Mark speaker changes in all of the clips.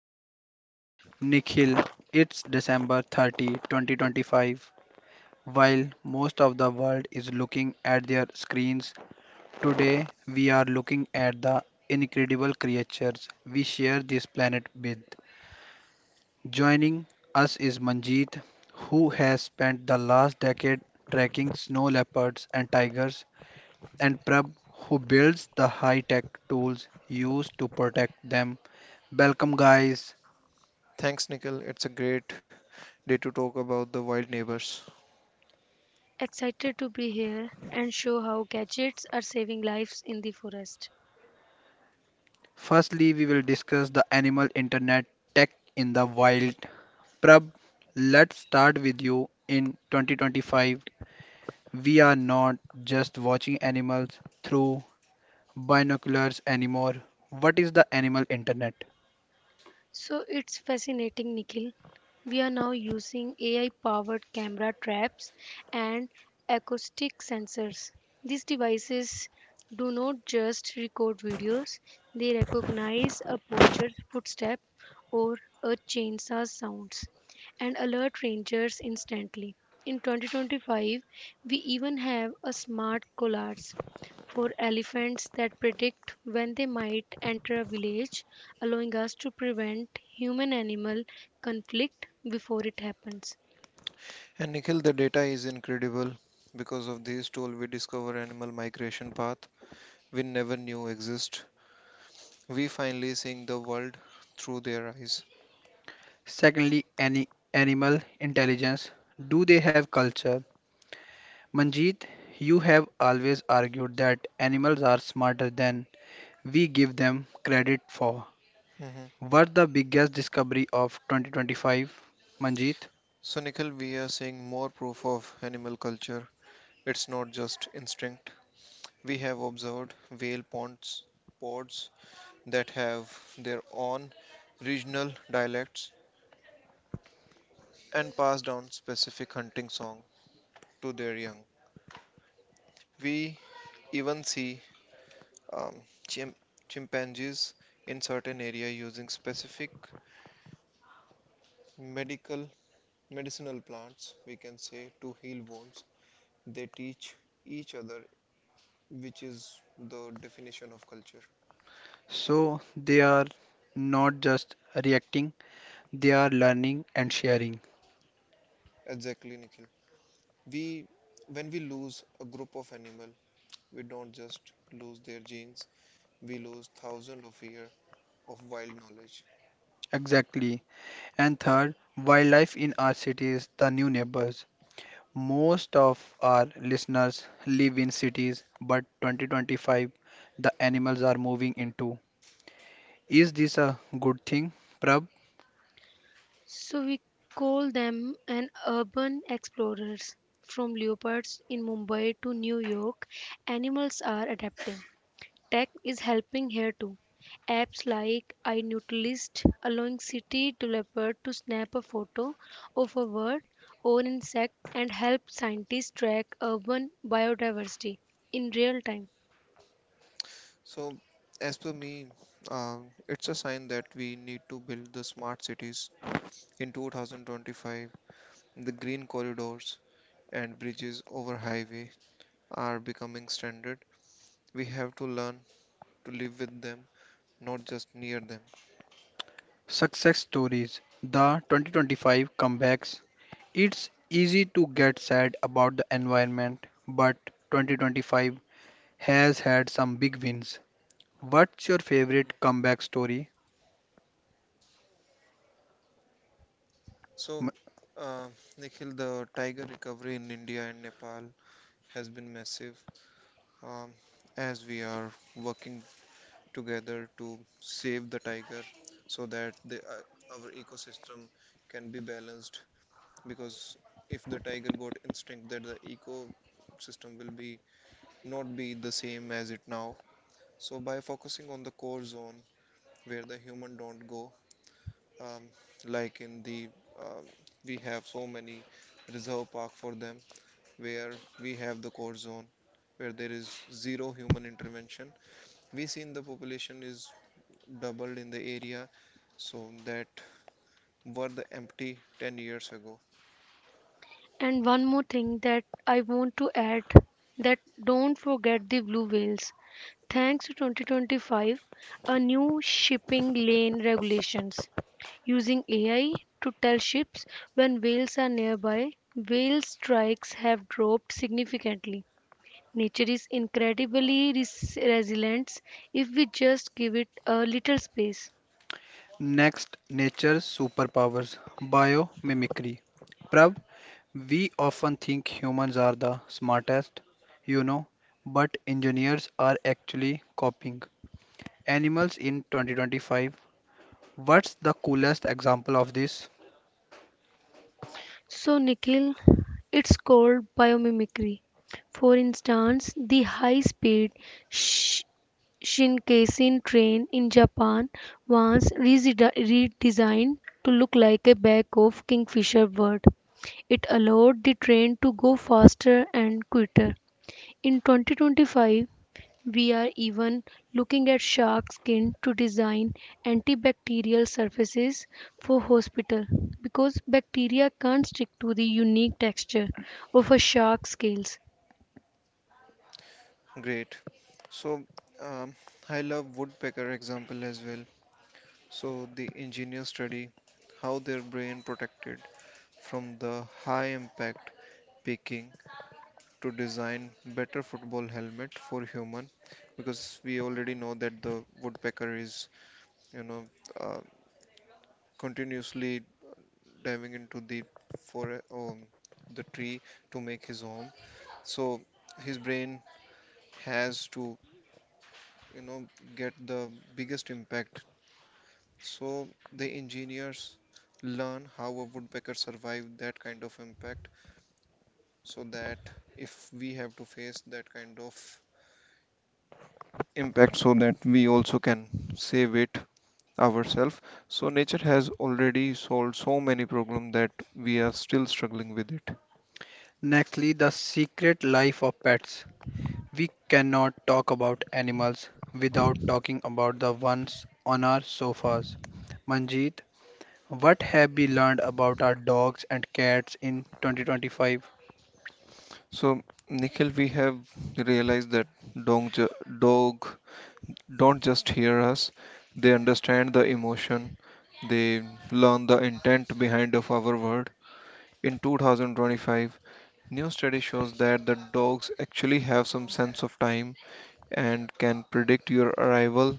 Speaker 1: host, Nikhil. It's December 30, 2025. While most of the world is looking at their screens, today we are looking at the incredible creatures we share this planet with. Joining us is Manjeet, who has spent the last decade tracking snow leopards and tigers, and Prab, who builds the high tech tools used to protect them. Welcome, guys.
Speaker 2: Thanks, Nikhil. It's a great day to talk about the wild neighbors.
Speaker 3: Excited to be here and show how gadgets are saving lives in the forest.
Speaker 1: Firstly, we will discuss the animal internet tech in the wild. Prab, let's start with you. In 2025, we are not just watching animals through binoculars anymore. What is the animal internet?
Speaker 3: So it's fascinating, Nikhil. We are now using AI powered camera traps and acoustic sensors. These devices do not just record videos, they recognize a poacher's footstep or a chainsaw sounds and alert rangers instantly. In 2025, we even have a smart collars for elephants that predict when they might enter a village, allowing us to prevent human animal conflict before it happens.
Speaker 2: And Nikhil, the data is incredible. Because of this tool, we discover animal migration path we never knew exist. We finally seeing the world through their eyes.
Speaker 1: Secondly, any animal intelligence. Do they have culture? Manjeet, you have always argued that animals are smarter than we give them credit for.
Speaker 2: Mhm.
Speaker 1: What the biggest discovery of 2025, Manjeet?
Speaker 2: So, Nikhil, we are seeing more proof of animal culture. It's not just instinct. We have observed whale ponds, pods that have their own regional dialects and pass down specific hunting song to their young. We even see um, chim- chimpanzees in certain area using specific medical medicinal plants we can say to heal wounds they teach each other which is the definition of culture.
Speaker 1: So they are not just reacting, they are learning and sharing.
Speaker 2: Exactly, Nikhil. We when we lose a group of animal, we don't just lose their genes, we lose thousands of years of wild knowledge.
Speaker 1: Exactly. And third, wildlife in our cities, the new neighbors. Most of our listeners live in cities, but 2025, the animals are moving into. Is this a good thing, Prab?
Speaker 3: So we call them an urban explorers. From leopards in Mumbai to New York, animals are adapting. Tech is helping here too. Apps like iNutilist allowing city developers to snap a photo of a bird or insect and help scientists track urban biodiversity in real time.
Speaker 2: So as per me, it's a sign that we need to build the smart cities. In 2025, the green corridors and bridges over highway are becoming standard. We have to learn to live with them, not just near them.
Speaker 1: Success stories. The 2025 comebacks. It's easy to get sad about the environment, but 2025 has had some big wins. What's your favorite comeback story?
Speaker 2: So,
Speaker 1: M-
Speaker 2: uh, Nikhil, the tiger recovery in India and Nepal has been massive. Um, as we are working together to save the tiger, so that our ecosystem can be balanced. Because if the tiger got extinct, that the ecosystem will be not be the same as it now. So by focusing on the core zone where the human don't go, um, like in the um, we have so many reserve park for them where we have the core zone where there is zero human intervention. We seen the population is doubled in the area, so that were the empty 10 years ago.
Speaker 3: And one more thing that I want to add, that don't forget the blue whales. Thanks to 2025, a new shipping lane regulations using AI to tell ships when whales are nearby, whale strikes have dropped significantly. Nature is incredibly resilient if we just give it a little space.
Speaker 1: Next, nature's superpowers, biomimicry. Prav, we often think humans are the smartest, you know, but engineers are actually copying animals in 2025. What's the coolest example of this?
Speaker 3: So, Nikhil, it's called biomimicry. For instance, the high speed Sh- Shinkansen train in Japan was redesigned to look like a bag of kingfisher bird. It allowed the train to go faster and quicker. In 2025, we are even looking at shark skin to design antibacterial surfaces for hospital because bacteria can't stick to the unique texture of a shark's scales.
Speaker 2: Great. So um, I love woodpecker example as well. So the engineers study how their brain protected from the high impact picking to design better football helmet for human, because we already know that the woodpecker is, you know uh, continuously diving into for um, the tree to make his home, so his brain has to, you know get the biggest impact. So the engineers learn how a woodpecker survived that kind of impact, so that if we have to face that kind of impact, so that we also can save it ourselves. So nature has already solved so many problems that we are still struggling with it.
Speaker 1: Nextly, the secret life of pets. We cannot talk about animals without talking about the ones on our sofas. Manjeet, what have we learned about our dogs and cats in 2025?
Speaker 2: So Nikhil, we have realized that dog, ju- dog don't just hear us, they understand the emotion, they learn the intent behind of our word. In 2025, new study shows that the dogs actually have some sense of time and can predict your arrival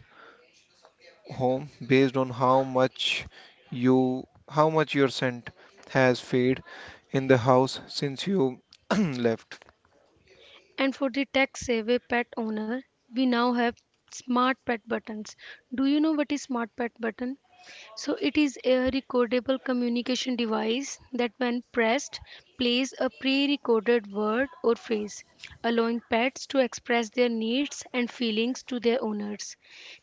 Speaker 2: home based on how much you how much your scent has faded in the house since you left.
Speaker 3: And for the tech savvy pet owner, we now have smart pet buttons. Do you know what is smart pet button? So it is a recordable communication device that when pressed plays a pre-recorded word or phrase, allowing pets to express their needs and feelings to their owners.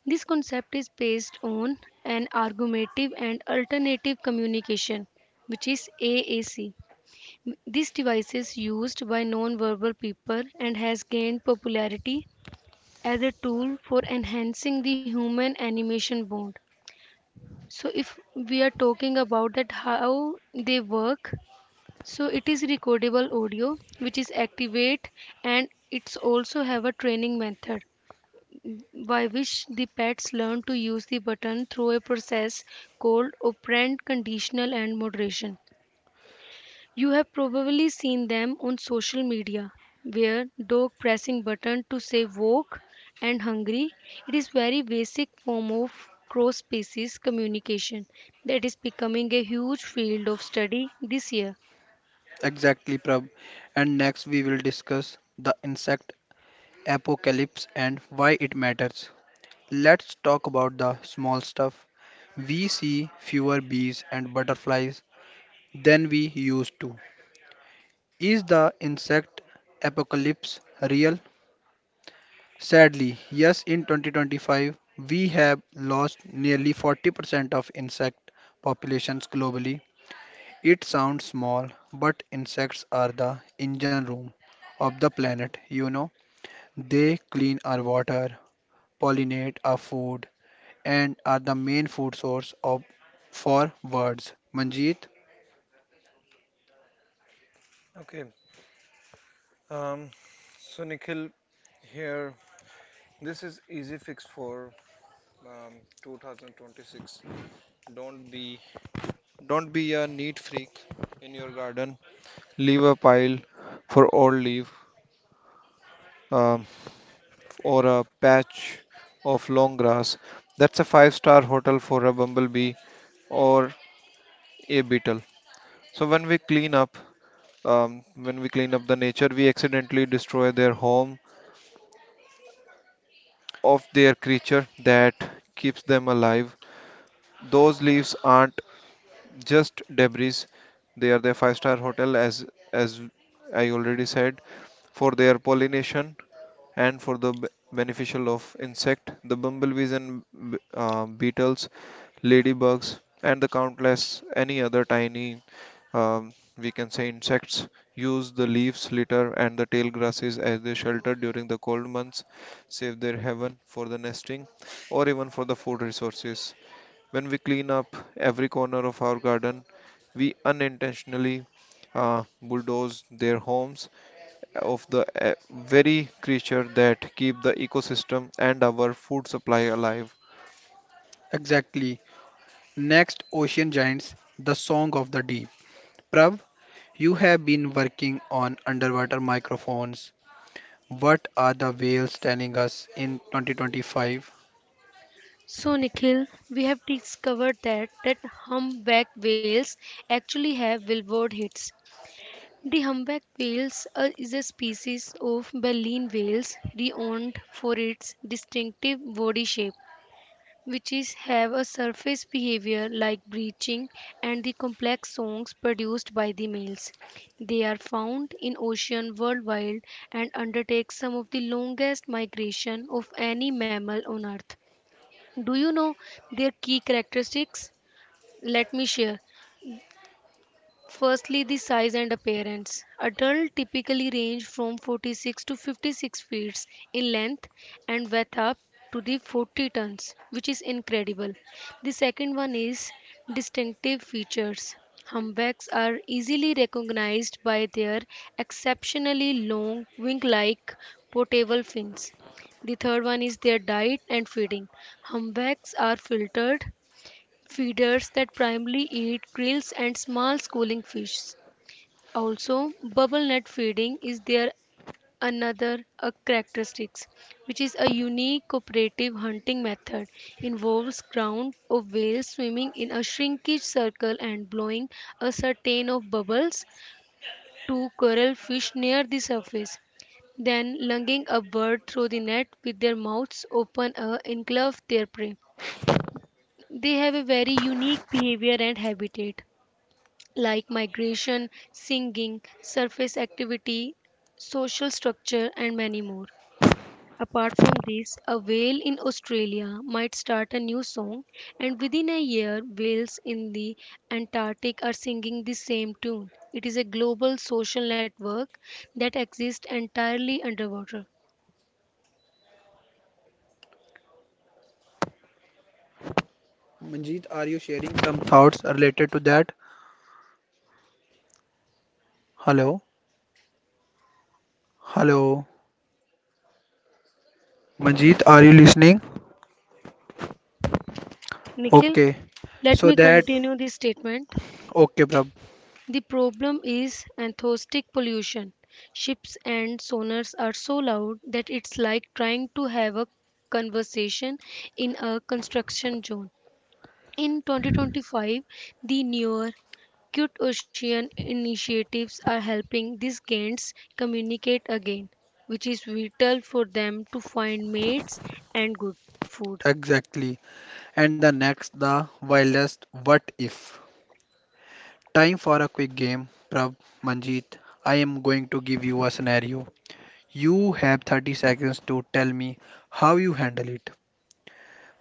Speaker 3: This concept is based on an argumentative and alternative communication, which is AAC. This device is used by non-verbal people and has gained popularity as a tool for enhancing the human animation bond. So if we are talking about that how they work, so it is recordable audio which is activate, and it's also have a training method by which the pets learn to use the button through a process called operant conditional and moderation. You have probably seen them on social media, where dog pressing button to say woke and hungry. It is very basic form of cross species communication that is becoming a huge field of study this year.
Speaker 1: Exactly, Prab. And next, we will discuss the insect apocalypse and why it matters. Let's talk about the small stuff. We see fewer bees and butterflies than we used to. Is the insect apocalypse real? Sadly, yes, in 2025, we have lost nearly 40% of insect populations globally. It sounds small, but insects are the engine room of the planet, you know. They clean our water, pollinate our food, and are the main food source of for birds. Manjeet,
Speaker 2: Okay. Um, so Nikhil, here this is easy fix for um, 2026. Don't be don't be a neat freak in your garden. Leave a pile for all leaf, um, or a patch of long grass. That's a five-star hotel for a bumblebee or a beetle. So when we clean up, when we clean up the nature, we accidentally destroy their home of their creature that keeps them alive. Those leaves aren't just debris; they are their five-star hotel, as I already said, for their pollination and for the beneficial of insect, the bumblebees and beetles, ladybugs, and the countless any other tiny, we can say insects use the leaves, litter, and the tail grasses as their shelter during the cold months, save their haven for the nesting, or even for the food resources. When we clean up every corner of our garden, we unintentionally bulldoze their homes of the very creature that keep the ecosystem and our food supply alive.
Speaker 1: exactly. Next, Ocean Giants, The Song of the Deep. Prav, you have been working on underwater microphones. What are the whales telling us in 2025?
Speaker 3: So Nikhil, we have discovered that humpback whales actually have billboard hits. The humpback whales is a species of baleen whales renowned for its distinctive body shape, which is have a surface behavior like breaching and the complex songs produced by the males. They are found in ocean worldwide and undertake some of the longest migration of any mammal on earth. Do you know their key characteristics? Let me share. Firstly, the size and appearance. Adults typically range from 46 to 56 feet in length and weigh up to the 40 tons, which is incredible. The second one is distinctive features. Humpbacks are easily recognized by their exceptionally long wing-like portable fins. The third one is their diet and feeding. Humpbacks are filtered feeders that primarily eat krills and small schooling fish. Also, bubble net feeding is their another a characteristics, which is a unique cooperative hunting method, involves ground of whales swimming in a shrinkage circle and blowing a certain of bubbles to coral fish near the surface, then lunging a bird through the net with their mouths open and engulf their prey. They have a very unique behavior and habitat, like migration, singing, surface activity, social structure, and many more. Apart from this, a whale in Australia might start a new song, and within a year, whales in the Antarctic are singing the same tune. It is a global social network that exists entirely underwater.
Speaker 1: Manjeet, are you sharing some thoughts related to that? Hello? Hello? Manjeet, are you listening?
Speaker 3: Nikhil,
Speaker 1: Okay.
Speaker 3: let
Speaker 1: So
Speaker 3: me
Speaker 1: that,
Speaker 3: continue this statement.
Speaker 1: okay, Prab,
Speaker 3: The problem is acoustic pollution. Ships and sonars are so loud that it's like trying to have a conversation in a construction zone. In 2025, the newer Cute Ocean initiatives are helping these gants communicate again, which is vital for them to find mates and good food.
Speaker 1: exactly. And the next, the wildest what if. Time for a quick game, Prab, Manjeet. I am going to give you a scenario. You have 30 seconds to tell me how you handle it.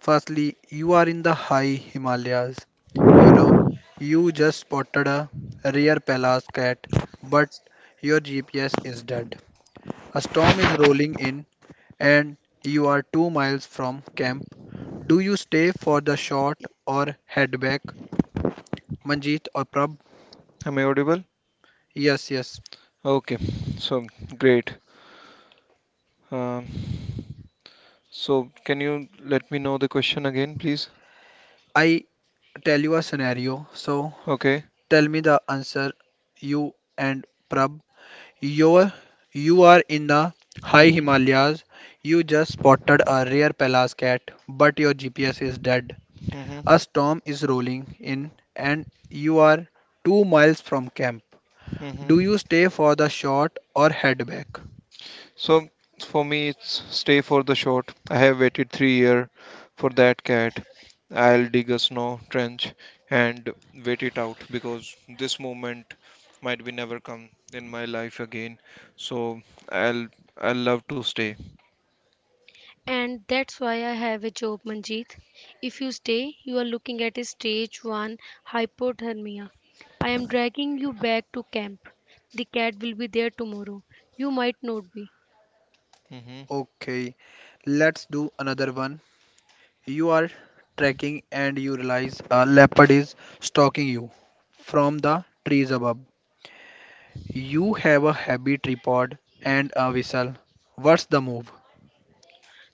Speaker 1: Firstly, you are in the high Himalayas. You know, you just spotted a rare Pelas cat, but your GPS is dead. A storm is rolling in, and you are 2 miles from camp. Do you stay for the shot or head back, Manjeet or Prab? Yes, yes. I tell you a scenario, so tell me the answer, you and Prab. You're, you are in the high Himalayas. You just spotted a rare pallas cat, but your GPS is dead. A storm is rolling in, and you are 2 miles from camp. Do you stay for the shot or head back?
Speaker 3: And that's why I have a job, Manjeet. If you stay, you are looking at a stage 1 hypothermia. I am dragging you back to camp. The cat will be there tomorrow. You might not be.
Speaker 1: Okay, let's do another one. You are trekking and you realize a leopard is stalking you from the trees above. You have a heavy tripod and a whistle. What's the move?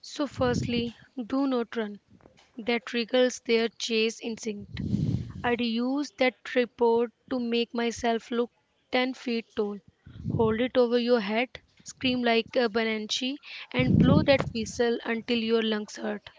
Speaker 3: So, firstly, do not run. That triggers their chase instinct. I'd use that tripod to make myself look 10 feet tall. Hold it over your head, scream like a banshee, and blow that whistle until your lungs hurt.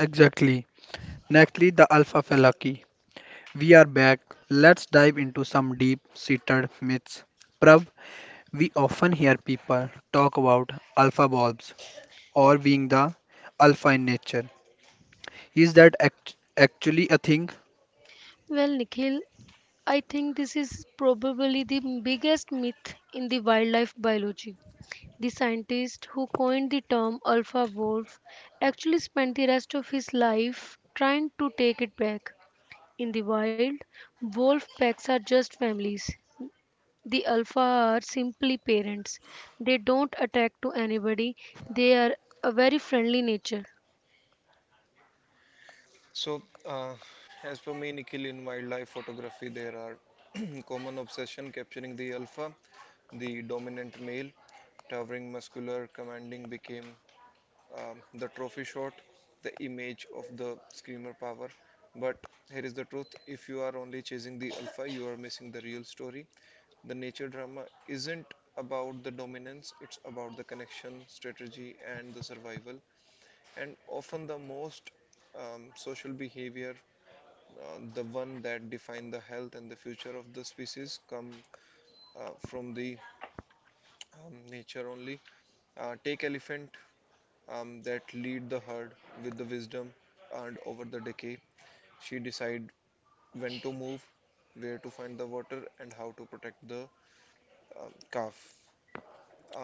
Speaker 1: Exactly. Nextly, the alpha fallacy. We are back. Let's dive into some deep-seated myths. Prav, we often hear people talk about alpha bulbs or being the alpha in nature. Is that actually a thing?
Speaker 3: Well, Nikhil, I think this is probably the biggest myth in the wildlife biology. The scientist who coined the term alpha wolf actually spent the rest of his life trying to take it back. In the wild, wolf packs are just families. The alpha are simply parents. They don't attack to anybody. They are a very friendly nature.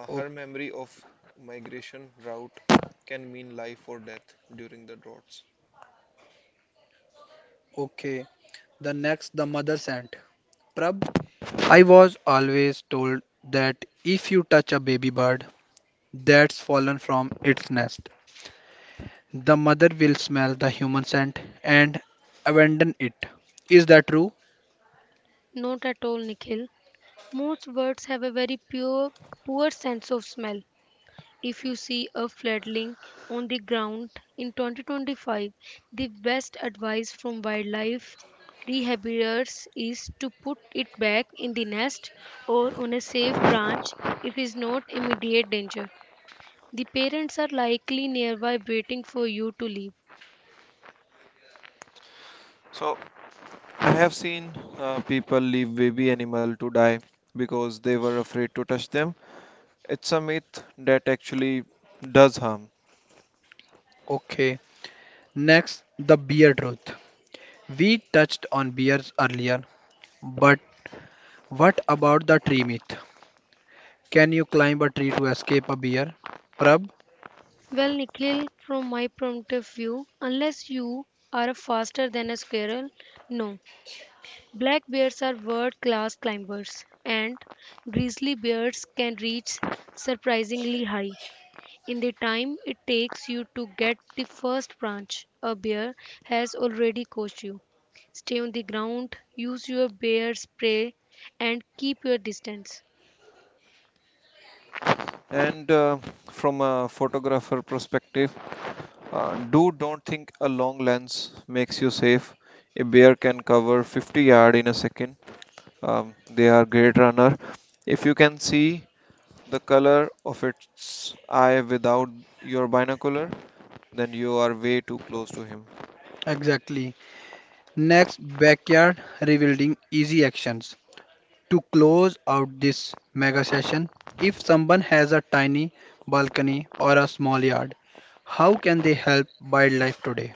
Speaker 1: O- okay. The next, the mother scent. Prab, I was always told that if you touch a baby bird that's fallen from its nest, the mother will smell the human scent and abandon it. Is that true?
Speaker 3: Not at all, Nikhil. Most birds have a very pure, poor sense of smell. If you see a fledgling on the ground in 2025, the best advice from wildlife rehabilitators is to put it back in the nest or on a safe branch. If it is not immediate danger, the parents are likely nearby waiting for you to leave.
Speaker 1: Okay. Next, the beer truth. We touched on beers earlier, but what about the tree myth? Can you climb a tree to escape a beer? Prab?
Speaker 3: Well, Nikhil, from my point of view, unless you are faster than a squirrel, no. Black bears are world-class climbers, and grizzly bears can reach surprisingly high. In the time it takes you to get the first branch, a bear has already coached you. Stay on the ground, use your bear spray, and keep your distance.
Speaker 1: Exactly. Next, backyard revealing easy actions. To close out this mega session, if someone has a tiny balcony or a small yard, how can they help wildlife today?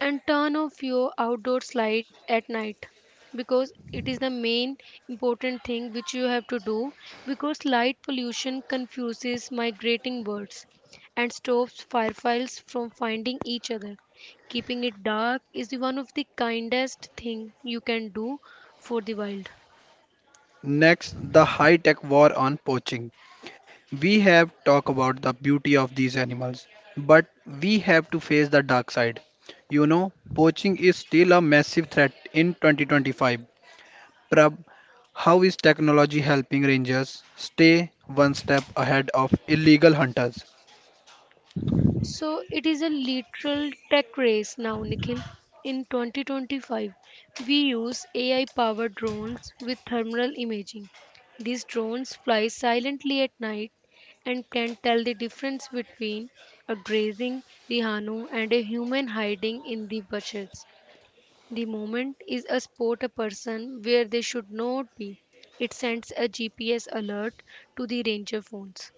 Speaker 3: And turn off your outdoor light at night, because it is the main important thing which you have to do, because light pollution confuses migrating birds and stops fireflies from finding each other. Keeping it dark is one of the kindest thing you can do for the wild.
Speaker 1: Next, the high-tech war on poaching. We have talked about the beauty of these animals, but we have to face the dark side. Poaching is still a massive threat in 2025. Prab, how is technology helping rangers stay one step ahead of illegal hunters?
Speaker 3: So it is a literal tech race now, Nikhil. In 2025, we use AI powered drones with thermal imaging. These drones fly silently at night and can tell the difference between a grazing rhino and a human hiding in the bushes. The moment is a spot a person where they should not be, it sends a GPS alert to the ranger phones.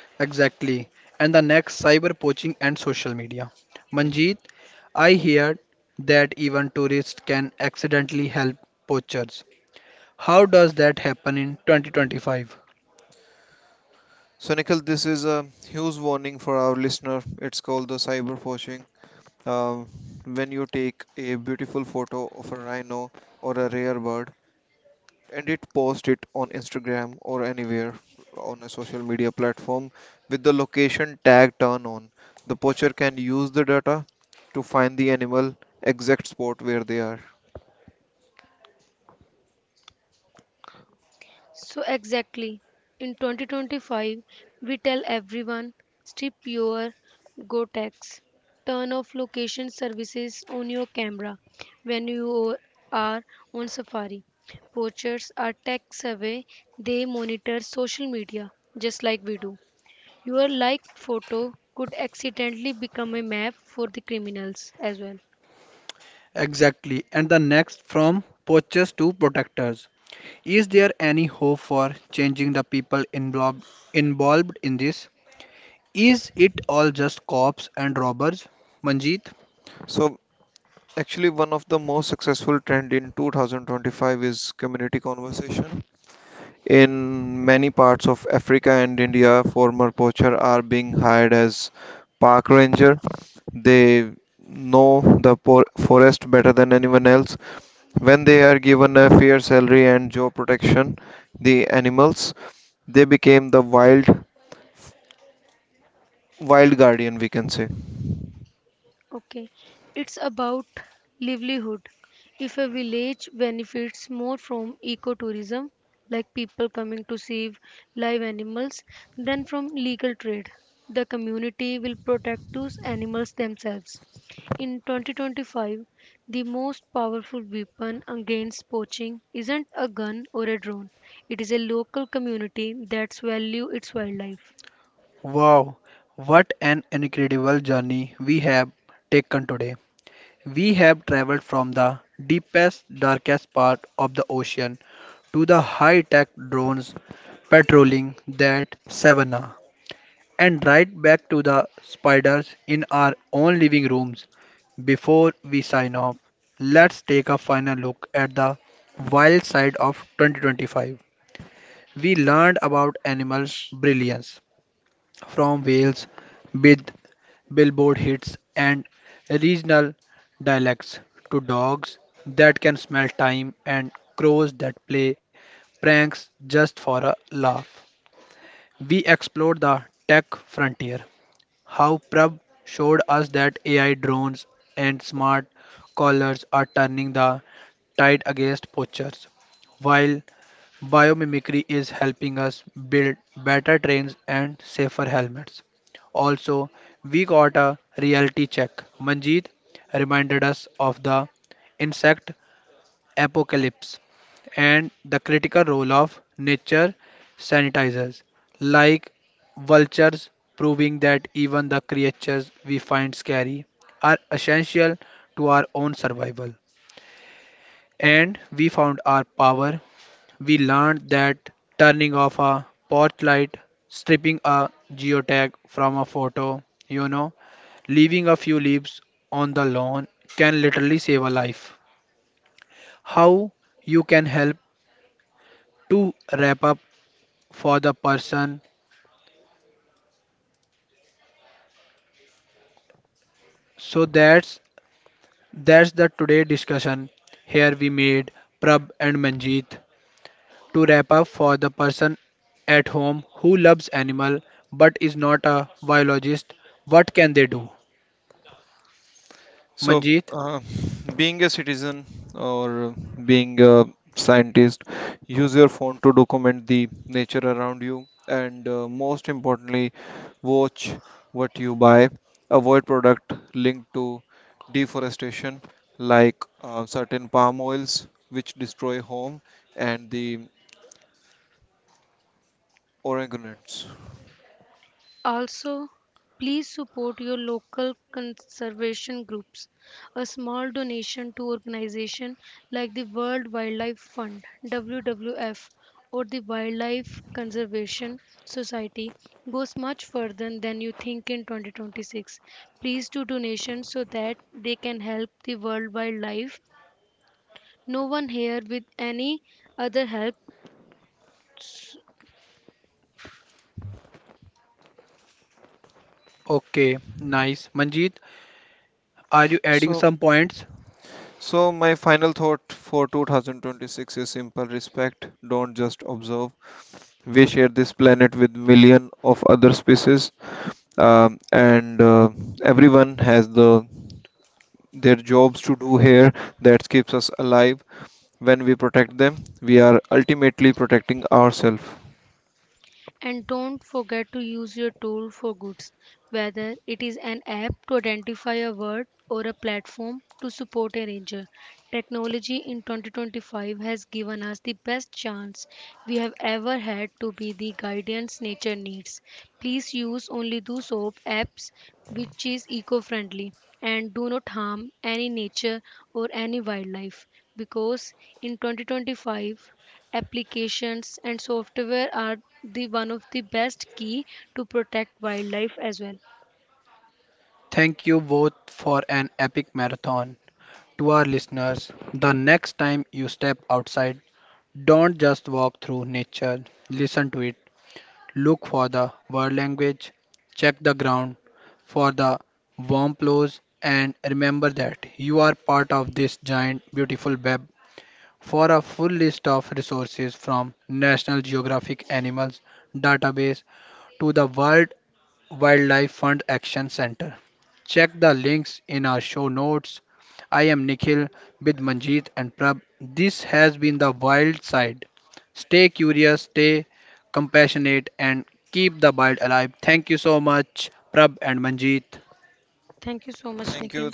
Speaker 1: Exactly. And the next, cyber poaching and social media. Manjeet, I heard that even tourists can accidentally help poachers. How does that happen in 2025?
Speaker 3: So exactly, in 2025, we tell everyone, strip your GoTax, turn off location services on your camera when you are on safari. Poachers are tech savvy, they monitor social media just like we do. Your like photo could accidentally become a map for the criminals as well.
Speaker 1: Exactly, and the next from poachers to protectors. Is there any hope for changing the people involved in this? Is it all just cops and robbers? Manjeet,
Speaker 3: Okay, it's about livelihood. If a village benefits more from ecotourism, like people coming to save live animals, than from legal trade, the community will protect those animals themselves. In 2025, the most powerful weapon against poaching isn't a gun or a drone. It is a local community that's value its wildlife.
Speaker 1: wow, what an incredible journey we have taken today. We have traveled from the deepest, darkest part of the ocean to the high tech drones patrolling that savanna, and right back to the spiders in our own living rooms. Before we sign off, let's take a final look at the wild side of 2025. We learned about animals' brilliance from whales with billboard hits and regional dialects to dogs that can smell time and crows that play pranks just for a laugh. We explored the tech frontier how Prab showed us that AI drones and smart collars are turning the tide against poachers, while biomimicry is helping us build better trains and safer helmets. Also, we got a reality check. Manjeet reminded us of the insect apocalypse and the critical role of nature sanitizers like vultures, proving that even the creatures we find scary are essential to our own survival. And we found our power. We learned that turning off a porch light, stripping a geotag from a photo, leaving a few leaves on the lawn, can literally save a life. How you can help to wrap up for the person. So that's the today discussion. Here we made Prab and Manjeet to wrap up for the person at home who loves animal but is not a biologist. What can they do? Manjeet,
Speaker 3: Also, please support your local conservation groups. A small donation to organizations like the World Wildlife Fund (WWF) or the Wildlife Conservation Society goes much further than you think in 2026. Please do donations so that they can help the world wildlife. No one here with any other help.
Speaker 1: okay, nice. Manjeet, are you adding some points?
Speaker 3: And don't forget to use your tool for good, whether it is an app to identify a word or a platform to support a ranger. Technology in 2025 has given us the best chance we have ever had to be the guidance nature needs. Please use only those soap apps which is eco-friendly and do not harm any nature or any wildlife, because in 2025 applications and software are the one of the best key to protect wildlife as well.
Speaker 1: Thank you both for an epic marathon. To our listeners, the next time you step outside, don't just walk through nature, listen to it. Look for the word language, check the ground for the warm clothes, and remember that you are part of this giant, beautiful web. For a full list of resources from National Geographic Animals Database to the World Wildlife Fund Action Center. Check the links in our show notes. I am Nikhil with Manjeet and Prab. This has been The Wild Side. Stay curious, stay compassionate, and keep the wild alive. Thank you so much, Prab and Manjeet.
Speaker 3: Thank you so much, Nikhil.